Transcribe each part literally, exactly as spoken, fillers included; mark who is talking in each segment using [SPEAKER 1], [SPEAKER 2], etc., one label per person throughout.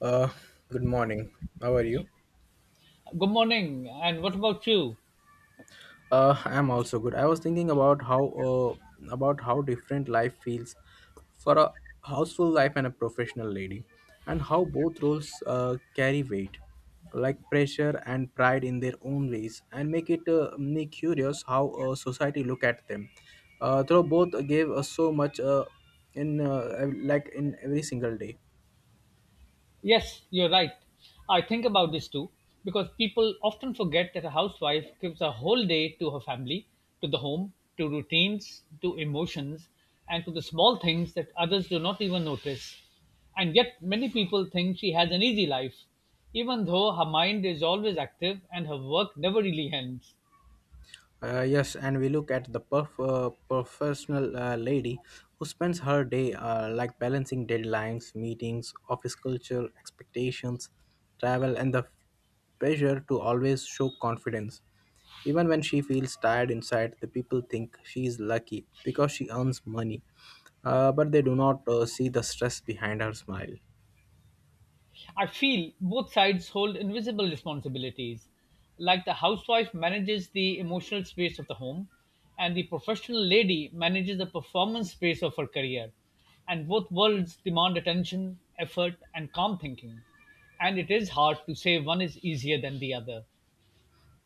[SPEAKER 1] Uh, Good morning. How are you?
[SPEAKER 2] Good morning. And what about you?
[SPEAKER 1] Uh, I'm also good. I was thinking about how uh, about how different life feels for a houseful life and a professional lady, and how both roles uh, carry weight, like pressure and pride in their own ways, and make it uh, me curious how uh, society look at them. Uh, though both gave us so much uh, in uh, ev- like in every single day.
[SPEAKER 2] Yes, you're right. I think about this too because people often forget that a housewife gives a whole day to her family, to the home, to routines, to emotions, and to the small things that others do not even notice. And yet, many people think she has an easy life, even though her mind is always active and her work never really ends.
[SPEAKER 1] Uh, yes, and we look at the perf- uh, professional uh, lady who spends her day uh, like balancing deadlines, meetings, office culture, expectations, travel, and the pressure to always show confidence. Even when she feels tired inside, the people think she is lucky because she earns money, uh, but they do not uh, see the stress behind her smile.
[SPEAKER 2] I feel both sides hold invisible responsibilities. Like the housewife manages the emotional space of the home, and the professional lady manages the performance space of her career. And both worlds demand attention, effort, and calm thinking. And it is hard to say one is easier than the other.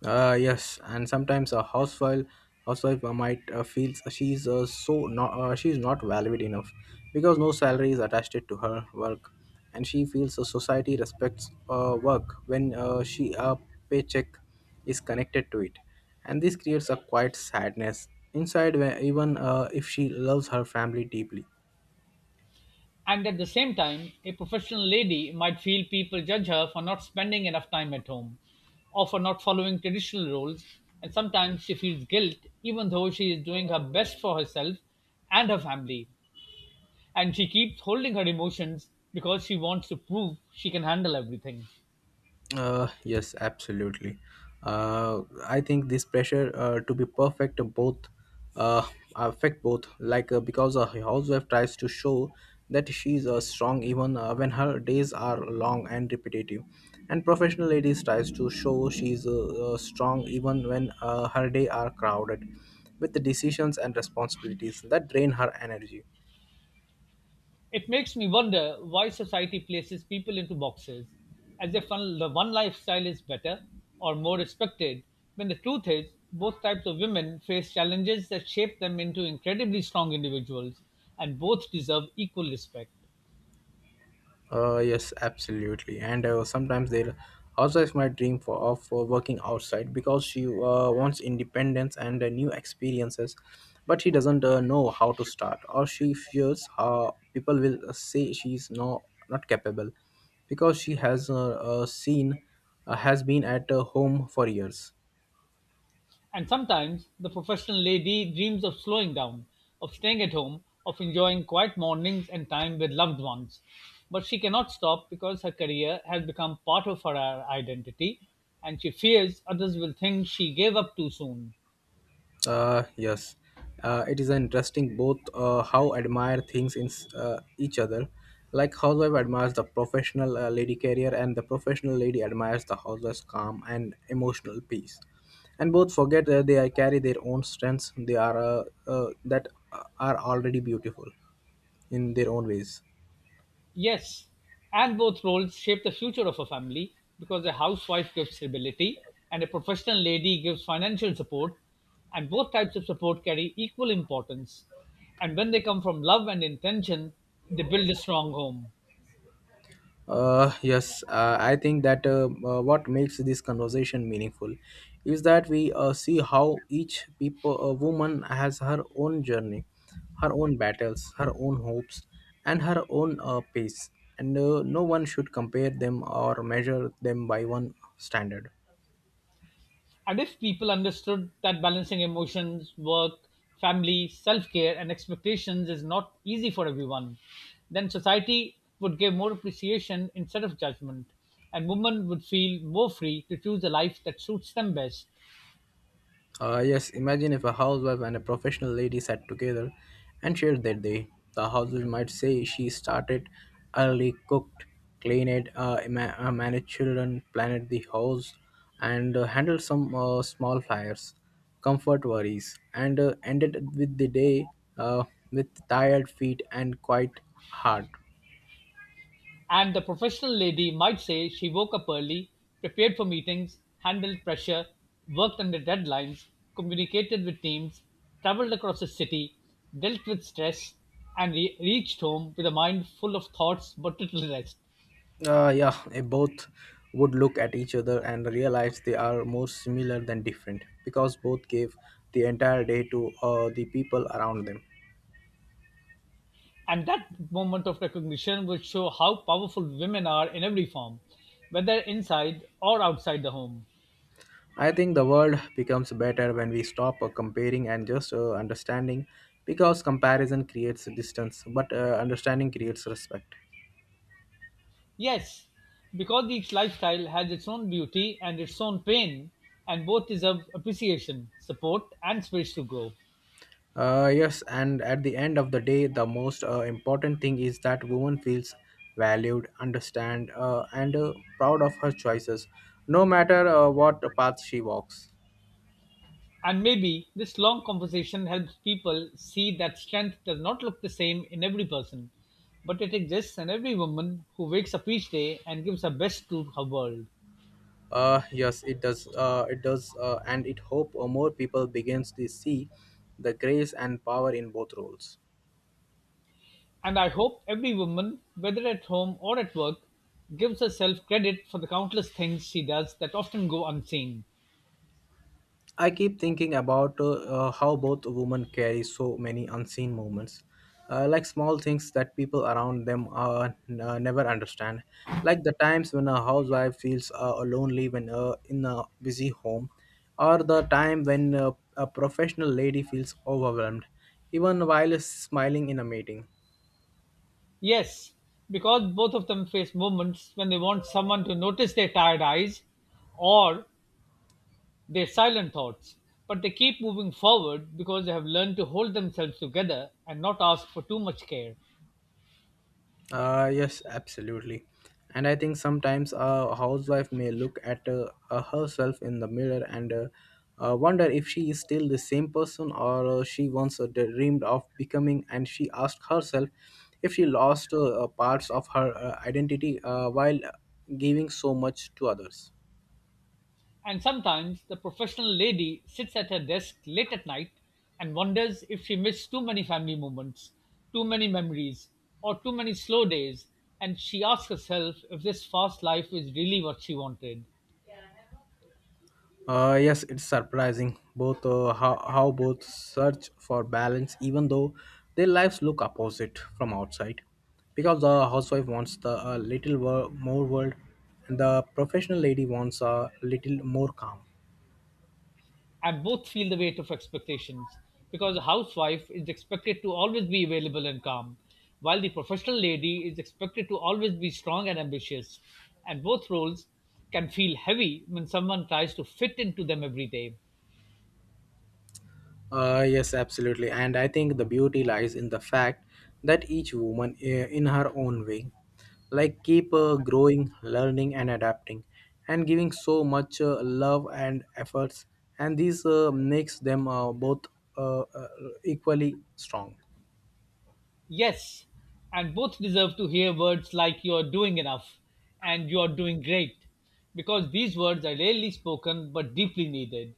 [SPEAKER 1] Uh, yes, and sometimes a housewife housewife uh, might uh, feels she's uh, so not uh, she's not valued enough because no salary is attached to her work, and she feels the society respects uh, work when uh, she a paycheck is connected to it, and this creates a quiet sadness inside, where even uh, if she loves her family deeply.
[SPEAKER 2] And at the same time, a professional lady might feel people judge her for not spending enough time at home or for not following traditional roles, and sometimes she feels guilt even though she is doing her best for herself and her family. And she keeps holding her emotions because she wants to prove she can handle everything.
[SPEAKER 1] Uh, yes, absolutely. Uh, I think this pressure uh, to be perfect both uh, affect both. Like uh, because a housewife tries to show that she's uh, strong even uh, when her days are long and repetitive, and professional ladies tries to show she's uh, uh, strong even when uh, her day are crowded with the decisions and responsibilities that drain her energy.
[SPEAKER 2] It makes me wonder why society places people into boxes, as if one, the one lifestyle is better or more respected, when the truth is, both types of women face challenges that shape them into incredibly strong individuals, and both deserve equal respect.
[SPEAKER 1] Uh, yes, absolutely. And uh, sometimes there also is my dream for of uh, working outside because she uh, wants independence and uh, new experiences, but she doesn't uh, know how to start, or she fears how people will uh, say she's no not capable because she has uh, uh, seen uh, has been at uh, home for years.
[SPEAKER 2] And sometimes the professional lady dreams of slowing down, of staying at home, of enjoying quiet mornings and time with loved ones. But she cannot stop because her career has become part of her identity, and she fears others will think she gave up too soon.
[SPEAKER 1] Uh, yes, uh, it is interesting both uh, how admire things in s- uh, each other. Like housewife admires the professional uh, lady career, and the professional lady admires the housewife's calm and emotional peace. And both forget that they are- carry their own strengths. They are uh, uh, that uh, are already beautiful in their own ways.
[SPEAKER 2] Yes, and both roles shape the future of a family because a housewife gives stability and a professional lady gives financial support, and both types of support carry equal importance. And when they come from love and intention, they build a strong home.
[SPEAKER 1] Uh, yes, uh, I think that uh, uh, what makes this conversation meaningful is that we uh, see how each people, uh, woman has her own journey, her own battles, her own hopes, and her own uh, pace. And uh, no one should compare them or measure them by one standard.
[SPEAKER 2] And if people understood that balancing emotions, work, family, self care, and expectations is not easy for everyone, then society would give more appreciation instead of judgment, and women would feel more free to choose the life that suits them best.
[SPEAKER 1] Uh, yes, imagine if a housewife and a professional lady sat together and shared their day. The housewife might say she started early, cooked, cleaned, uh, ma- uh, managed children, planned the house, and uh, handled some uh, small fires, comfort worries, and uh, ended with the day uh, with tired feet and quite hard.
[SPEAKER 2] And the professional lady might say she woke up early, prepared for meetings, handled pressure, worked under deadlines, communicated with teams, traveled across the city, dealt with stress, and re- reached home with a mind full of thoughts but little rest.
[SPEAKER 1] Uh, yeah, eh, both would look at each other and realize they are more similar than different because both gave the entire day to uh, the people around them.
[SPEAKER 2] And that moment of recognition will show how powerful women are in every form, whether inside or outside the home.
[SPEAKER 1] I think the world becomes better when we stop uh, comparing and just uh, understanding, because comparison creates distance, but uh, understanding creates respect.
[SPEAKER 2] Yes, because each lifestyle has its own beauty and its own pain, and both deserve appreciation, support, and space to grow.
[SPEAKER 1] Uh, yes, and at the end of the day, the most uh, important thing is that woman feels valued, understand, uh, and uh, proud of her choices, no matter uh, what path she walks.
[SPEAKER 2] And maybe this long conversation helps people see that strength does not look the same in every person, but it exists in every woman who wakes up each day and gives her best to her world.
[SPEAKER 1] Uh, yes, it does. Uh, it does, uh, and it hope uh, more people begins to see the grace and power in both roles.
[SPEAKER 2] And I hope every woman, whether at home or at work, gives herself credit for the countless things she does that often go unseen.
[SPEAKER 1] I keep thinking about uh, uh, how both women carry so many unseen moments, uh, like small things that people around them uh, n- uh, never understand, like the times when a housewife feels uh, lonely when uh, in a busy home, or the time when uh, a professional lady feels overwhelmed, even while smiling in a meeting.
[SPEAKER 2] Yes, because both of them face moments when they want someone to notice their tired eyes or their silent thoughts, but they keep moving forward because they have learned to hold themselves together and not ask for too much care.
[SPEAKER 1] Uh, yes, absolutely. And I think sometimes a housewife may look at uh, uh, herself in the mirror and uh, uh, wonder if she is still the same person or uh, she once uh, dreamed of becoming. And she asked herself if she lost uh, uh, parts of her uh, identity uh, while giving so much to others.
[SPEAKER 2] And sometimes the professional lady sits at her desk late at night and wonders if she missed too many family moments, too many memories, or too many slow days, and she asks herself if this fast life is really what she wanted.
[SPEAKER 1] Uh, yes, it's surprising both uh, how, how both search for balance, even though their lives look opposite from outside, because the housewife wants the uh, little wor- more world, and the professional lady wants a little more calm.
[SPEAKER 2] And both feel the weight of expectations because the housewife is expected to always be available and calm, while the professional lady is expected to always be strong and ambitious. And both roles can feel heavy when someone tries to fit into them every day.
[SPEAKER 1] Uh, yes, absolutely. And I think the beauty lies in the fact that each woman, eh, in her own way, like keep uh, growing, learning, and adapting, and giving so much uh, love and efforts. And this uh, makes them uh, both uh, uh, equally strong.
[SPEAKER 2] Yes, and both deserve to hear words like you're doing enough and you're doing great because these words are rarely spoken but deeply needed.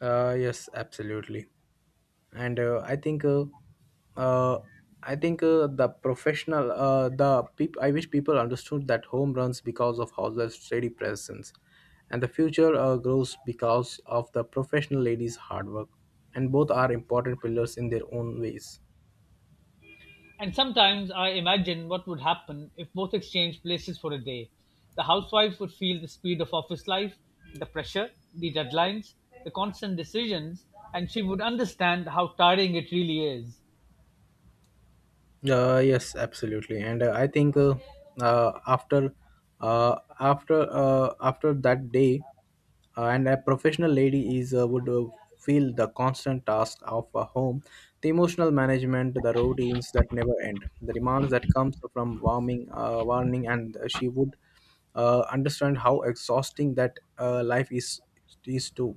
[SPEAKER 1] Uh, yes, absolutely. And uh, I think uh, uh, I think uh, the professional uh, the peop- I wish people understood that home runs because of hauser's steady presence and the future uh, grows because of the professional ladies hard work, and both are important pillars in their own ways.
[SPEAKER 2] And sometimes I imagine what would happen if both exchanged places for a day. The housewife would feel the speed of office life, the pressure, the deadlines, the constant decisions, and she would understand how tiring it really is.
[SPEAKER 1] Uh, yes, absolutely, and uh, I think uh, uh, after uh, after uh, after that day, uh, and a professional lady is uh, would uh, feel the constant task of a home, the emotional management, the routines that never end, the demands that comes from warming, uh, warning, and she would uh, understand how exhausting that uh, life is is too.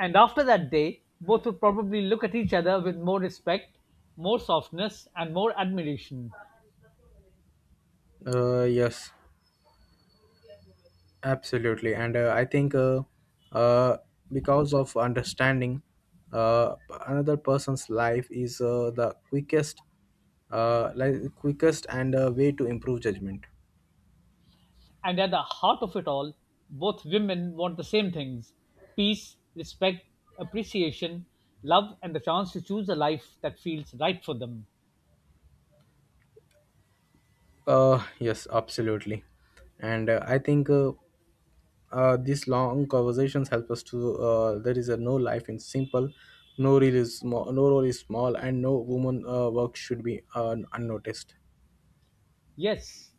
[SPEAKER 2] And after that day, both would probably look at each other with more respect, more softness, and more admiration.
[SPEAKER 1] Uh, yes. Absolutely, and uh, I think uh, uh, because of understanding uh, another person's life is uh, the quickest, uh, like quickest and uh, way to improve judgment.
[SPEAKER 2] And at the heart of it all, both women want the same things peace, respect, appreciation, love, and the chance to choose a life that feels right for them.
[SPEAKER 1] Uh, yes, absolutely, and uh, I think uh, uh, these long conversations help us to. Uh, there is a no life in simple, no role is small, no role is small, and no woman uh, work should be uh, unnoticed.
[SPEAKER 2] Yes.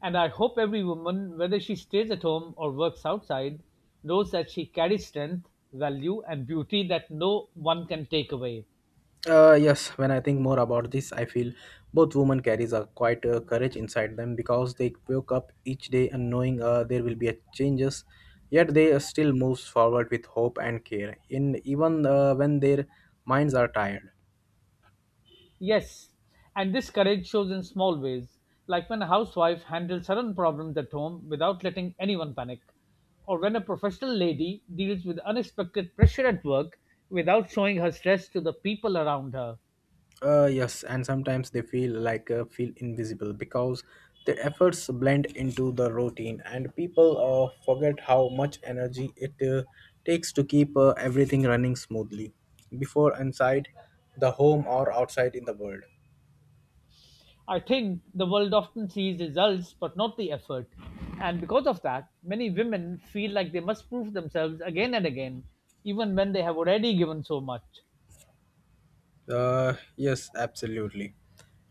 [SPEAKER 2] And I hope every woman, whether she stays at home or works outside, knows that she carries strength, value, and beauty that no one can take away.
[SPEAKER 1] Uh, yes, when I think more about this, I feel both women carries a quite uh, courage inside them because they woke up each day and knowing uh, there will be a changes, yet they uh, still moves forward with hope and care, in even uh, when their minds are tired.
[SPEAKER 2] Yes, and this courage shows in small ways, like when a housewife handles sudden problems at home without letting anyone panic, or when a professional lady deals with unexpected pressure at work without showing her stress to the people around her.
[SPEAKER 1] Uh, yes, and sometimes they feel like uh, feel invisible because their efforts blend into the routine, and people uh, forget how much energy it uh, takes to keep uh, everything running smoothly, before inside the home or outside in the world.
[SPEAKER 2] I think the world often sees results but not the effort, and because of that, many women feel like they must prove themselves again and again, even when they have already given so much.
[SPEAKER 1] Uh, yes, absolutely.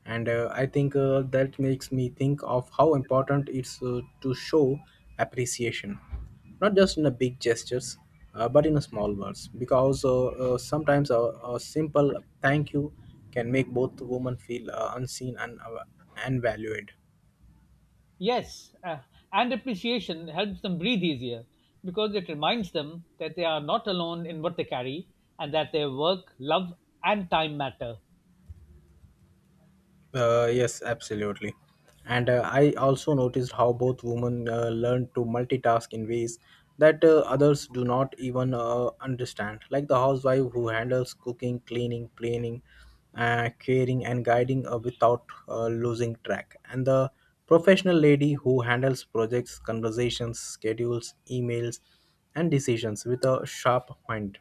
[SPEAKER 1] And uh, I think uh, that makes me think of how important it's uh, to show appreciation, not just in the big gestures, uh, but in the small words. Because uh, uh, sometimes a, a simple thank you can make both women feel uh, unseen and uh, and valued.
[SPEAKER 2] Yes, uh, and appreciation helps them breathe easier because it reminds them that they are not alone in what they carry and that their work, love, and time matter.
[SPEAKER 1] Uh, yes, absolutely. And uh, I also noticed how both women uh, learn to multitask in ways that uh, others do not even uh, understand, like the housewife who handles cooking, cleaning, planning, uh, caring, and guiding uh, without uh, losing track, and the professional lady who handles projects, conversations, schedules, emails, and decisions with a sharp mind.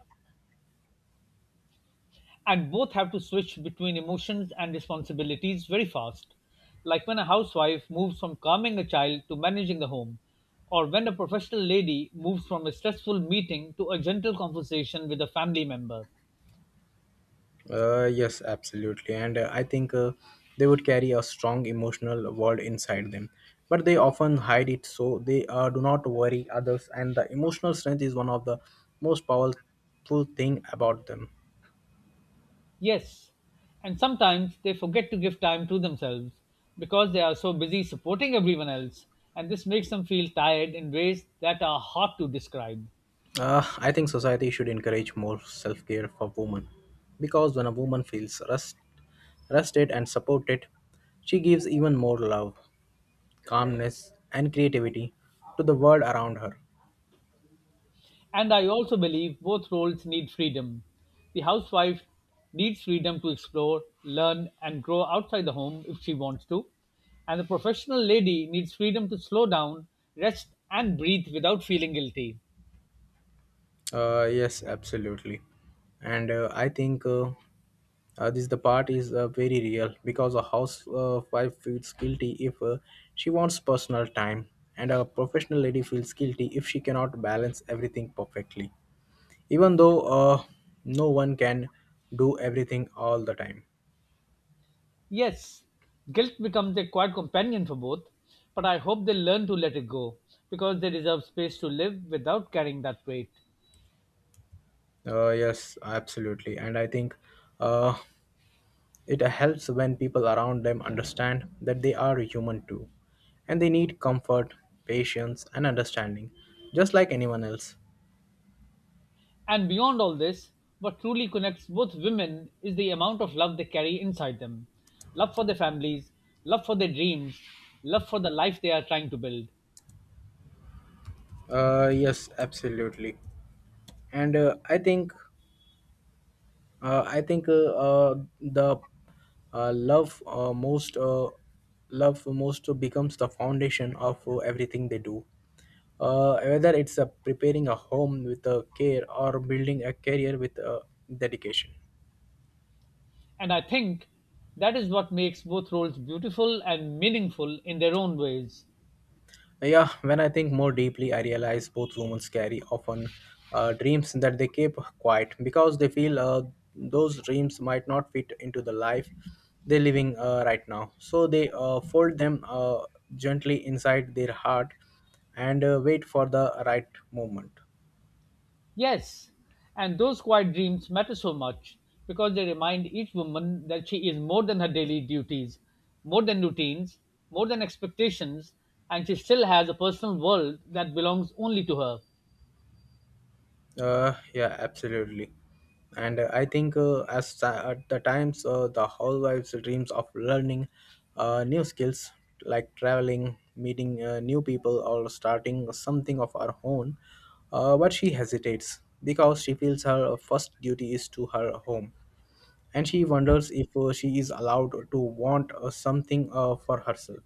[SPEAKER 2] And both have to switch between emotions and responsibilities very fast, like when a housewife moves from calming a child to managing the home, or when a professional lady moves from a stressful meeting to a gentle conversation with a family member.
[SPEAKER 1] Uh, yes, absolutely. And uh, I think uh, they would carry a strong emotional world inside them, but they often hide it so they uh, do not worry others. And the emotional strength is one of the most powerful thing about them.
[SPEAKER 2] Yes, and sometimes they forget to give time to themselves because they are so busy supporting everyone else, and this makes them feel tired in ways that are hard to describe.
[SPEAKER 1] Uh, I think society should encourage more self-care for women, because when a woman feels rest, rested and supported, she gives even more love, calmness, and creativity to the world around her.
[SPEAKER 2] And I also believe both roles need freedom. The housewife needs freedom to explore, learn, and grow outside the home if she wants to, and the professional lady needs freedom to slow down, rest, and breathe without feeling guilty.
[SPEAKER 1] Uh, yes, absolutely. And uh, I think uh, uh, this the part is uh, very real because a housewife uh, feels guilty if uh, she wants personal time, and a professional lady feels guilty if she cannot balance everything perfectly, even though uh, no one can do everything all the time.
[SPEAKER 2] Yes, guilt becomes a quiet companion for both, but I hope they learn to let it go because they deserve space to live without carrying that weight.
[SPEAKER 1] Uh, yes, absolutely. And I think uh, it helps when people around them understand that they are human too, and they need comfort, patience, and understanding, just like anyone else.
[SPEAKER 2] And beyond all this, what truly connects both women is the amount of love they carry inside them love for their families, love for their dreams, love for the life they are trying to build.
[SPEAKER 1] Uh, yes, absolutely. And uh, I think, uh, I think uh, uh, the uh, love uh, most uh, love most becomes the foundation of uh, everything they do, Uh, whether it's uh, preparing a home with uh, care or building a career with uh, dedication.
[SPEAKER 2] And I think that is what makes both roles beautiful and meaningful in their own ways.
[SPEAKER 1] Yeah, when I think more deeply, I realize both women carry often uh, dreams that they keep quiet because they feel uh, those dreams might not fit into the life they're living uh, right now. So they uh, fold them uh, gently inside their heart and uh, wait for the right moment.
[SPEAKER 2] Yes, and those quiet dreams matter so much because they remind each woman that she is more than her daily duties, more than routines, more than expectations, and she still has a personal world that belongs only to her.
[SPEAKER 1] Uh, yeah, absolutely. And uh, I think uh, as ti- at the times uh, the housewives dreams of learning uh, new skills like traveling, meeting uh, new people, or starting something of her own, uh, but she hesitates because she feels her first duty is to her home, and she wonders if uh, she is allowed to want uh, something uh, for herself.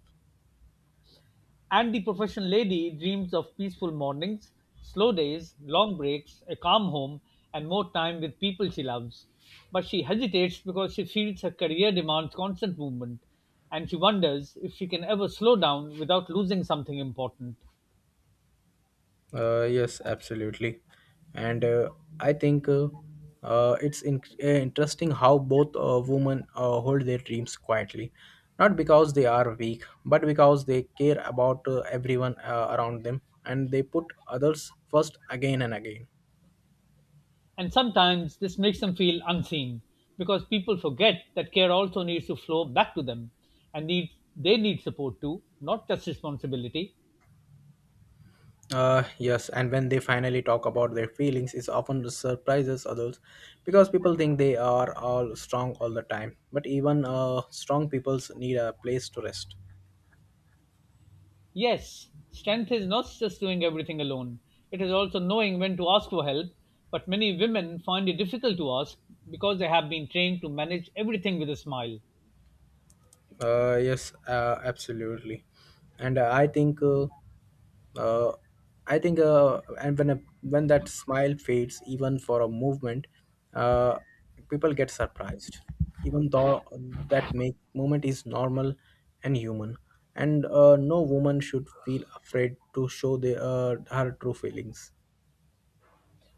[SPEAKER 2] And the professional lady dreams of peaceful mornings, slow days, long breaks, a calm home, and more time with people she loves. But she hesitates because she feels her career demands constant movement, and she wonders if she can ever slow down without losing something important.
[SPEAKER 1] Uh, yes, absolutely. And uh, I think uh, uh, it's in- uh, interesting how both uh, women uh, hold their dreams quietly, not because they are weak, but because they care about uh, everyone uh, around them, and they put others first again and again.
[SPEAKER 2] And sometimes this makes them feel unseen because people forget that care also needs to flow back to them and need they need support too, not just responsibility.
[SPEAKER 1] Uh, yes, and when they finally talk about their feelings, it often surprises others because people think they are all strong all the time. But even uh, strong peoples need a place to rest.
[SPEAKER 2] Yes, strength is not just doing everything alone. It is also knowing when to ask for help, but many women find it difficult to ask because they have been trained to manage everything with a smile.
[SPEAKER 1] Uh, yes, uh, absolutely, and uh, I think, uh, uh, I think, uh, and when a, when that smile fades, even for a movement, uh, people get surprised, even though that make moment is normal and human, and uh, no woman should feel afraid to show the uh, her true feelings.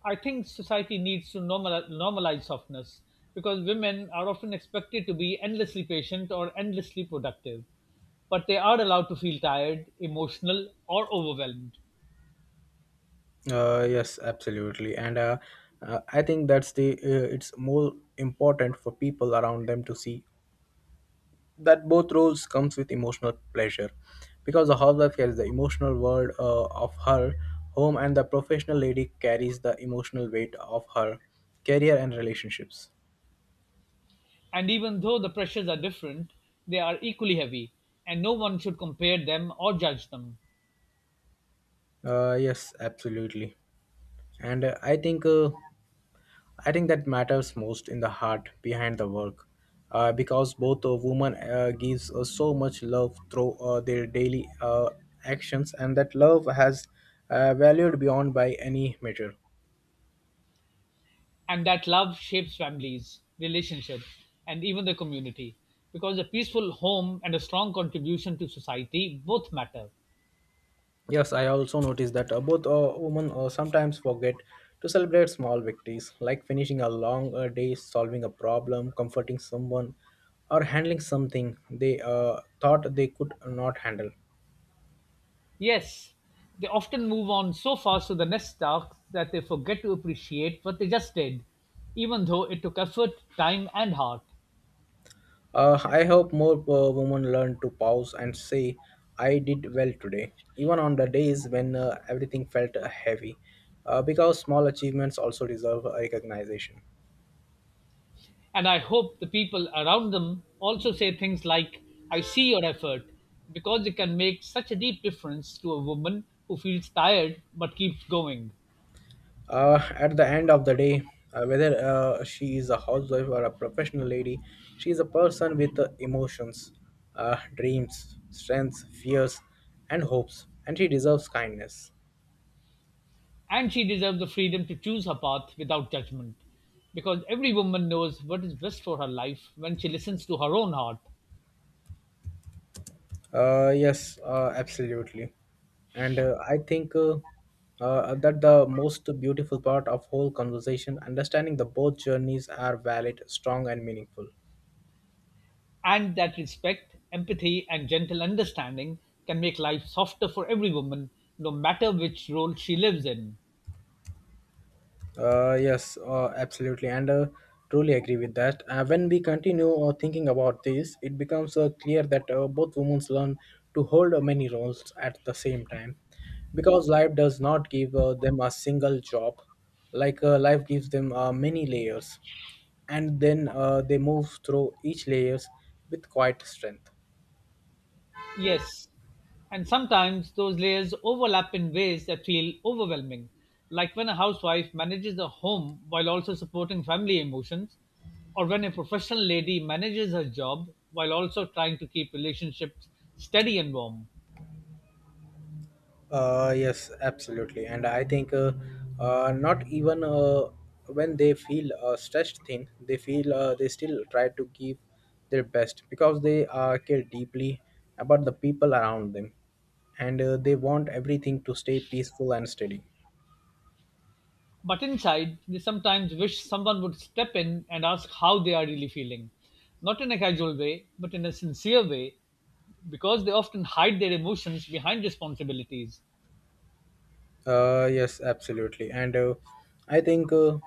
[SPEAKER 2] I think society needs to normalize, normalize softness because women are often expected to be endlessly patient or endlessly productive, but they are allowed to feel tired, emotional, or overwhelmed.
[SPEAKER 1] Uh, yes, absolutely, and uh, uh, I think that's the uh, it's more important for people around them to see that both roles comes with emotional pleasure because the housewife carries the emotional world uh, of her home, and the professional lady carries the emotional weight of her career and relationships.
[SPEAKER 2] And even though the pressures are different, they are equally heavy, and no one should compare them or judge them.
[SPEAKER 1] Uh, yes absolutely And uh, i think uh, I think that matters most in the heart behind the work, uh, because both a woman uh, gives uh, so much love through uh, their daily uh, actions, and that love has uh, valued beyond by any measure.
[SPEAKER 2] And that love shapes families, relationships, and even the community because a peaceful home and a strong contribution to society both matter.
[SPEAKER 1] Yes, I also noticed that uh, both uh, women uh, sometimes forget to celebrate small victories, like finishing a long uh, day, solving a problem, comforting someone, or handling something they uh, thought they could not handle.
[SPEAKER 2] Yes, they often move on so fast to the next task that they forget to appreciate what they just did, even though it took effort, time, and heart.
[SPEAKER 1] Uh, I hope more uh, women learn to pause and say, I did well today, even on the days when uh, everything felt uh, heavy, uh, because small achievements also deserve uh, recognition.
[SPEAKER 2] And I hope the people around them also say things like, I see your effort, because it can make such a deep difference to a woman who feels tired but keeps going.
[SPEAKER 1] Uh, at the end of the day, uh, whether uh, she is a housewife or a professional lady, she is a person with uh, emotions, uh, dreams, strengths, fears, and hopes, and she deserves kindness.
[SPEAKER 2] And she deserves the freedom to choose her path without judgment, because every woman knows what is best for her life when she listens to her own heart.
[SPEAKER 1] Uh, yes, uh, absolutely. And uh, I think uh, uh, that the most beautiful part of whole conversation, understanding the both journeys are valid, strong, and meaningful.
[SPEAKER 2] And that respect, empathy, and gentle understanding can make life softer for every woman, no matter which role she lives in.
[SPEAKER 1] Uh, yes, uh, absolutely, and uh, Truly agree with that. Uh, when we continue uh, thinking about this, it becomes uh, clear that uh, both women learn to hold uh, many roles at the same time, because life does not give uh, them a single job. Like uh, life gives them uh, many layers, and then uh, they move through each layers with quite strength.
[SPEAKER 2] Yes. And sometimes those layers overlap in ways that feel overwhelming, like when a housewife manages a home while also supporting family emotions, or when a professional lady manages her job while also trying to keep relationships steady and warm.
[SPEAKER 1] Uh, yes, absolutely. And I think uh, uh, not even uh, when they feel a stressed thin they feel uh, they still try to give their best because they uh, care deeply about the people around them, and uh, they want everything to stay peaceful and steady.
[SPEAKER 2] But inside, they sometimes wish someone would step in and ask how they are really feeling. Not in a casual way, but in a sincere way, because they often hide their emotions behind responsibilities.
[SPEAKER 1] Uh, yes, absolutely. And uh, I think uh,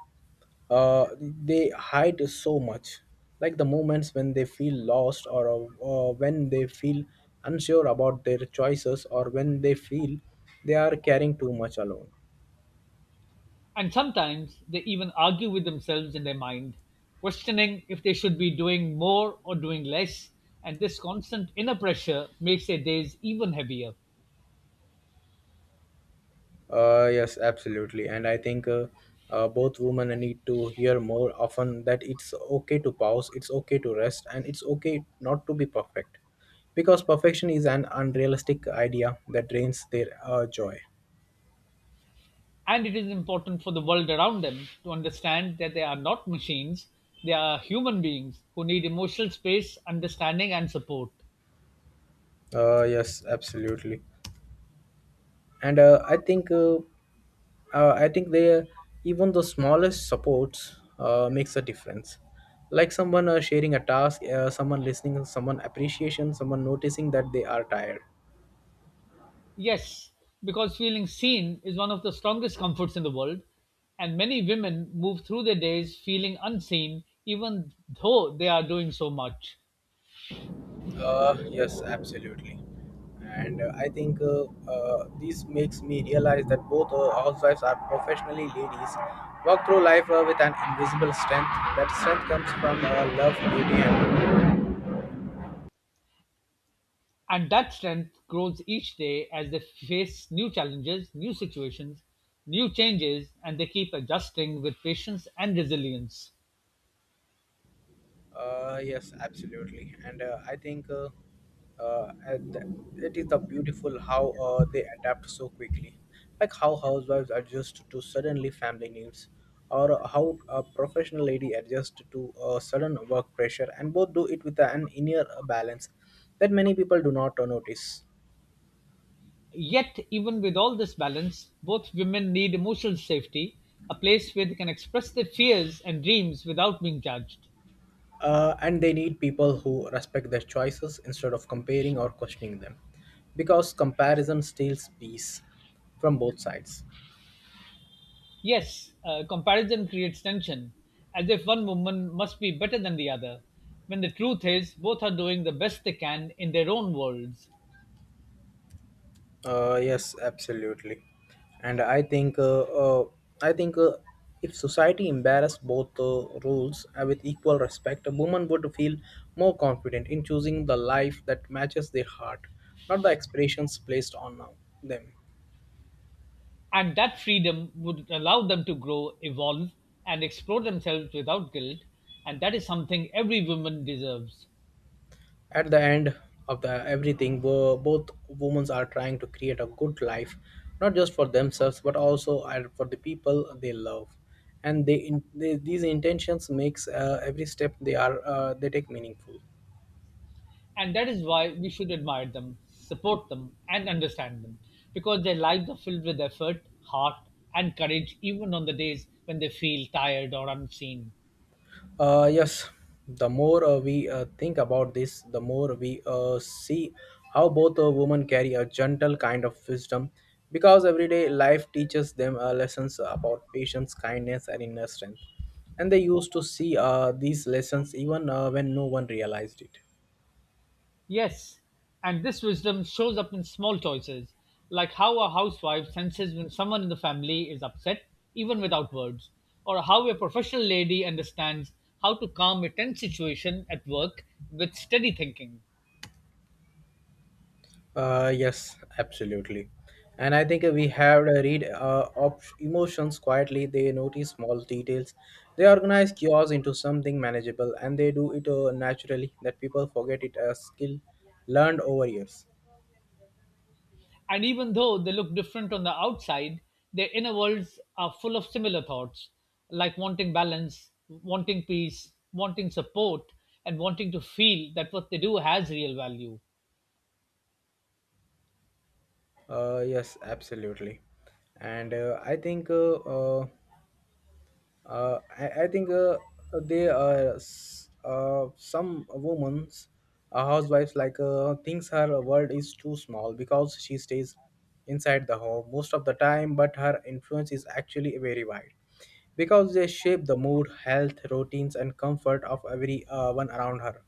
[SPEAKER 1] uh, they hide so much. Like the moments when they feel lost, or uh, or when they feel unsure about their choices, or when they feel they are carrying too much alone.
[SPEAKER 2] And sometimes they even argue with themselves in their mind, questioning if they should be doing more or doing less. And this constant inner pressure makes their days even heavier.
[SPEAKER 1] Uh, yes, absolutely. And I think uh, uh, both women need to hear more often that it's okay to pause, it's okay to rest, and it's okay not to be perfect. Because perfection is an unrealistic idea that drains their uh, joy.
[SPEAKER 2] And it is important for the world around them to understand that they are not machines, they are human beings who need emotional space, understanding, and support.
[SPEAKER 1] Uh, yes, absolutely. And uh, I think uh, uh, I think they uh, even the smallest supports uh, makes a difference. Like someone uh, sharing a task, uh, someone listening, someone appreciation, someone noticing that they are tired.
[SPEAKER 2] Yes, because feeling seen is one of the strongest comforts in the world, and many women move through their days feeling unseen, even though they are doing so much.
[SPEAKER 1] Uh, yes, absolutely. And uh, I think uh, uh, this makes me realize that both uh, housewives are professionally ladies, walk through life uh, with an invisible strength. That strength comes from uh, love, beauty, and
[SPEAKER 2] And that strength grows each day as they face new challenges, new situations, new changes, and they keep adjusting with patience and resilience.
[SPEAKER 1] Uh, yes, absolutely, and uh, I think uh, uh, and th- it is the beautiful how uh, they adapt so quickly, like how housewives adjust to suddenly family needs, or how a professional lady adjusts to uh, sudden work pressure, and both do it with an inner balance that many people do not uh, notice.
[SPEAKER 2] Yet, even with all this balance, both women need emotional safety, a place where they can express their fears and dreams without being judged.
[SPEAKER 1] Uh, and they need people who respect their choices instead of comparing or questioning them, because comparison steals peace from both sides.
[SPEAKER 2] Yes, uh, comparison creates tension, as if one woman must be better than the other, when the truth is both are doing the best they can in their own worlds.
[SPEAKER 1] Uh, yes, absolutely. And I think, uh, uh, I think uh, if society embarrassed both uh, rules uh, with equal respect, a woman would feel more confident in choosing the life that matches their heart, not the expressions placed on uh, them.
[SPEAKER 2] And that freedom would allow them to grow, evolve, and explore themselves without guilt, and that is something every woman deserves.
[SPEAKER 1] At the end of the everything, bo- both women are trying to create a good life, not just for themselves but also are for the people they love. And they, in, they these intentions makes uh, every step they are uh, they take meaningful.
[SPEAKER 2] And that is why we should admire them, support them, and understand them because their lives are filled with effort, heart, and courage, even on the days when they feel tired or unseen.
[SPEAKER 1] Uh, yes, the more uh, we uh, think about this, the more we uh, see how both uh, women carry a gentle kind of wisdom because everyday life teaches them uh, lessons about patience, kindness, and inner strength. And they used to see uh, these lessons even uh, when no one realized it.
[SPEAKER 2] Yes, and this wisdom shows up in small choices, like how a housewife senses when someone in the family is upset, even without words, or how a professional lady understands how to calm a tense situation at work with steady thinking.
[SPEAKER 1] Uh, yes, absolutely. And I think we have to read uh, op- emotions quietly. They notice small details. They organize chaos into something manageable, and they do it uh, naturally that people forget it a skill learned over years.
[SPEAKER 2] And even though they look different on the outside, their inner worlds are full of similar thoughts, like wanting balance, wanting peace, wanting support, and wanting to feel that what they do has real value.
[SPEAKER 1] Uh, yes, absolutely. And uh, I think uh, uh, Uh, I, I think uh, they are s- uh, some women's uh, housewives like uh, thinks her world is too small because she stays inside the home most of the time, but her influence is actually very wide because they shape the mood, health, routines, and comfort of everyone around her.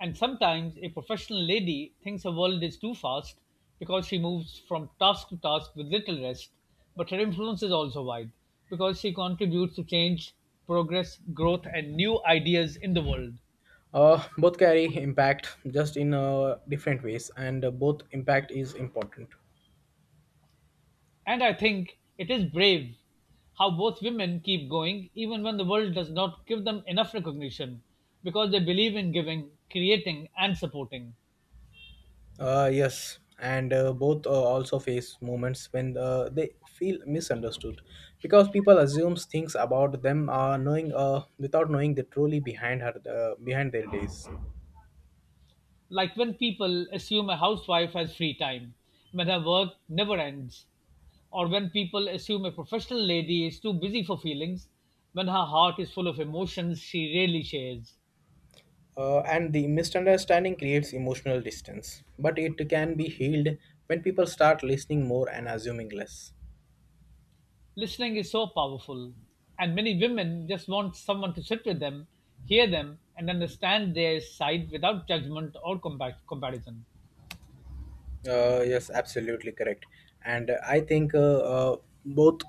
[SPEAKER 2] And sometimes a professional lady thinks her world is too fast because she moves from task to task with little rest, but her influence is also wide because she contributes to change, progress, growth, and new ideas in the world.
[SPEAKER 1] Uh, both carry impact just in uh, different ways, and uh, both impact is important.
[SPEAKER 2] And I think it is brave how both women keep going even when the world does not give them enough recognition because they believe in giving, creating, and supporting.
[SPEAKER 1] Uh, yes, and uh, both uh, also face moments when uh, they feel misunderstood because people assumes things about them uh, knowing uh, without knowing the truly behind her uh, behind their days.
[SPEAKER 2] Like when people assume a housewife has free time, when her work never ends, or when people assume a professional lady is too busy for feelings, when her heart is full of emotions she really shares.
[SPEAKER 1] Uh, and the misunderstanding creates emotional distance, but it can be healed when people start listening more and assuming less.
[SPEAKER 2] Listening is so powerful, and many women just want someone to sit with them, hear them, and understand their side without judgment or compa- comparison.
[SPEAKER 1] Uh, yes, absolutely correct. And uh, I think uh, uh, both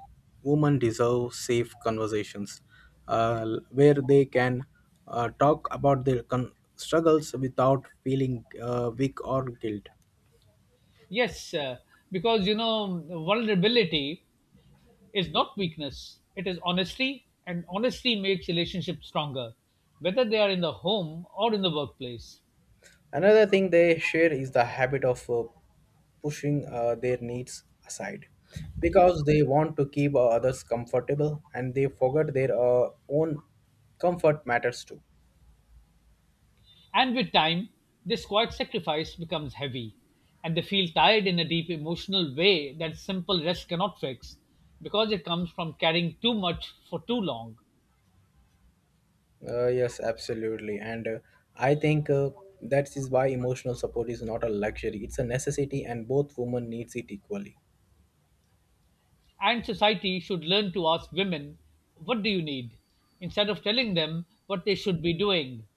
[SPEAKER 1] women deserve safe conversations uh, l- where they can uh, talk about their con- struggles without feeling uh, weak or guilt.
[SPEAKER 2] Yes, uh, because you know, vulnerability is not weakness, it is honesty, and honesty makes relationships stronger, whether they are in the home or in the workplace.
[SPEAKER 1] Another thing they share is the habit of uh, pushing uh, their needs aside because they want to keep uh, others comfortable, and they forget their uh, own comfort matters too.
[SPEAKER 2] And with time, this quiet sacrifice becomes heavy, and they feel tired in a deep emotional way that simple rest cannot fix because it comes from carrying too much for too long.
[SPEAKER 1] Uh, yes, absolutely. And uh, I think uh, that is why emotional support is not a luxury, it's a necessity, and both women needs it equally.
[SPEAKER 2] And society should learn to ask women, what do you need, instead of telling them what they should be doing.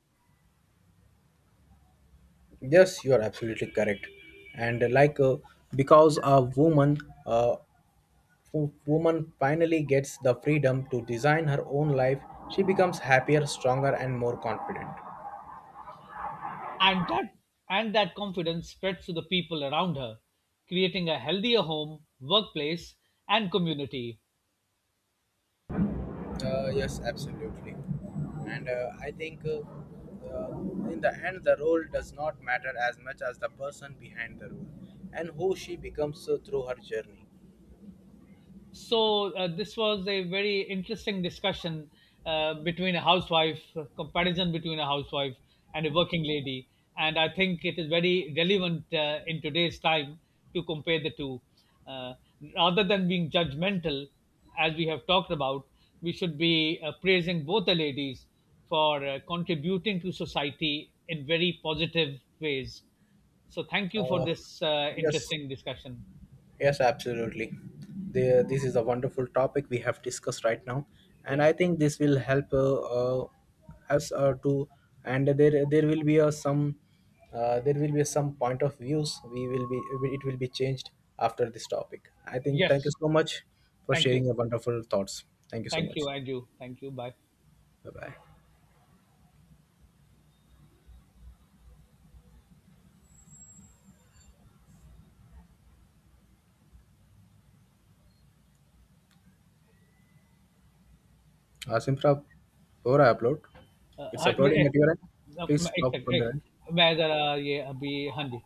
[SPEAKER 1] Yes, you are absolutely correct. And uh, like, uh, because a woman, uh, w- woman finally gets the freedom to design her own life, she becomes happier, stronger, and more confident.
[SPEAKER 2] And that, and that confidence spreads to the people around her, creating a healthier home, workplace, and community.
[SPEAKER 1] Uh, yes, absolutely. And uh, I think uh, uh, in the end, the role does not matter as much as the person behind the role and who she becomes uh, through her journey.
[SPEAKER 2] So uh, this was a very interesting discussion uh, between a housewife, comparison between a housewife and a working lady, and I think it is very relevant uh, in today's time to compare the two. Uh, Rather than being judgmental, as we have talked about, we should be uh, praising both the ladies for uh, contributing to society in very positive ways. So thank you for
[SPEAKER 1] Uh,
[SPEAKER 2] this uh,
[SPEAKER 1] yes,
[SPEAKER 2] interesting discussion.
[SPEAKER 1] Yes, absolutely. The, this is a wonderful topic we have discussed right now, and
[SPEAKER 2] Yeah.
[SPEAKER 1] I think this will help uh, uh, us uh, to. And there, there will be a some, uh, there will be some point of views. We will be, it will be changed after this topic, I think. Thank you
[SPEAKER 2] Yes.
[SPEAKER 1] so much for
[SPEAKER 2] Thank you.
[SPEAKER 1] sharing your wonderful thoughts. Thank you so
[SPEAKER 2] Thank
[SPEAKER 1] much.
[SPEAKER 2] you, and you. Thank you. Bye.
[SPEAKER 1] Bye bye. Uh, Simra, before I upload, it's
[SPEAKER 2] Hi.
[SPEAKER 1] uploading
[SPEAKER 2] Wait.
[SPEAKER 1] at your end.
[SPEAKER 2] No.
[SPEAKER 1] Please
[SPEAKER 2] Ma.
[SPEAKER 1] stop
[SPEAKER 2] Excuse
[SPEAKER 1] from
[SPEAKER 2] me.
[SPEAKER 1] the end.
[SPEAKER 2] Ma. Sir. Ah. Yeah. Abi. Hindi.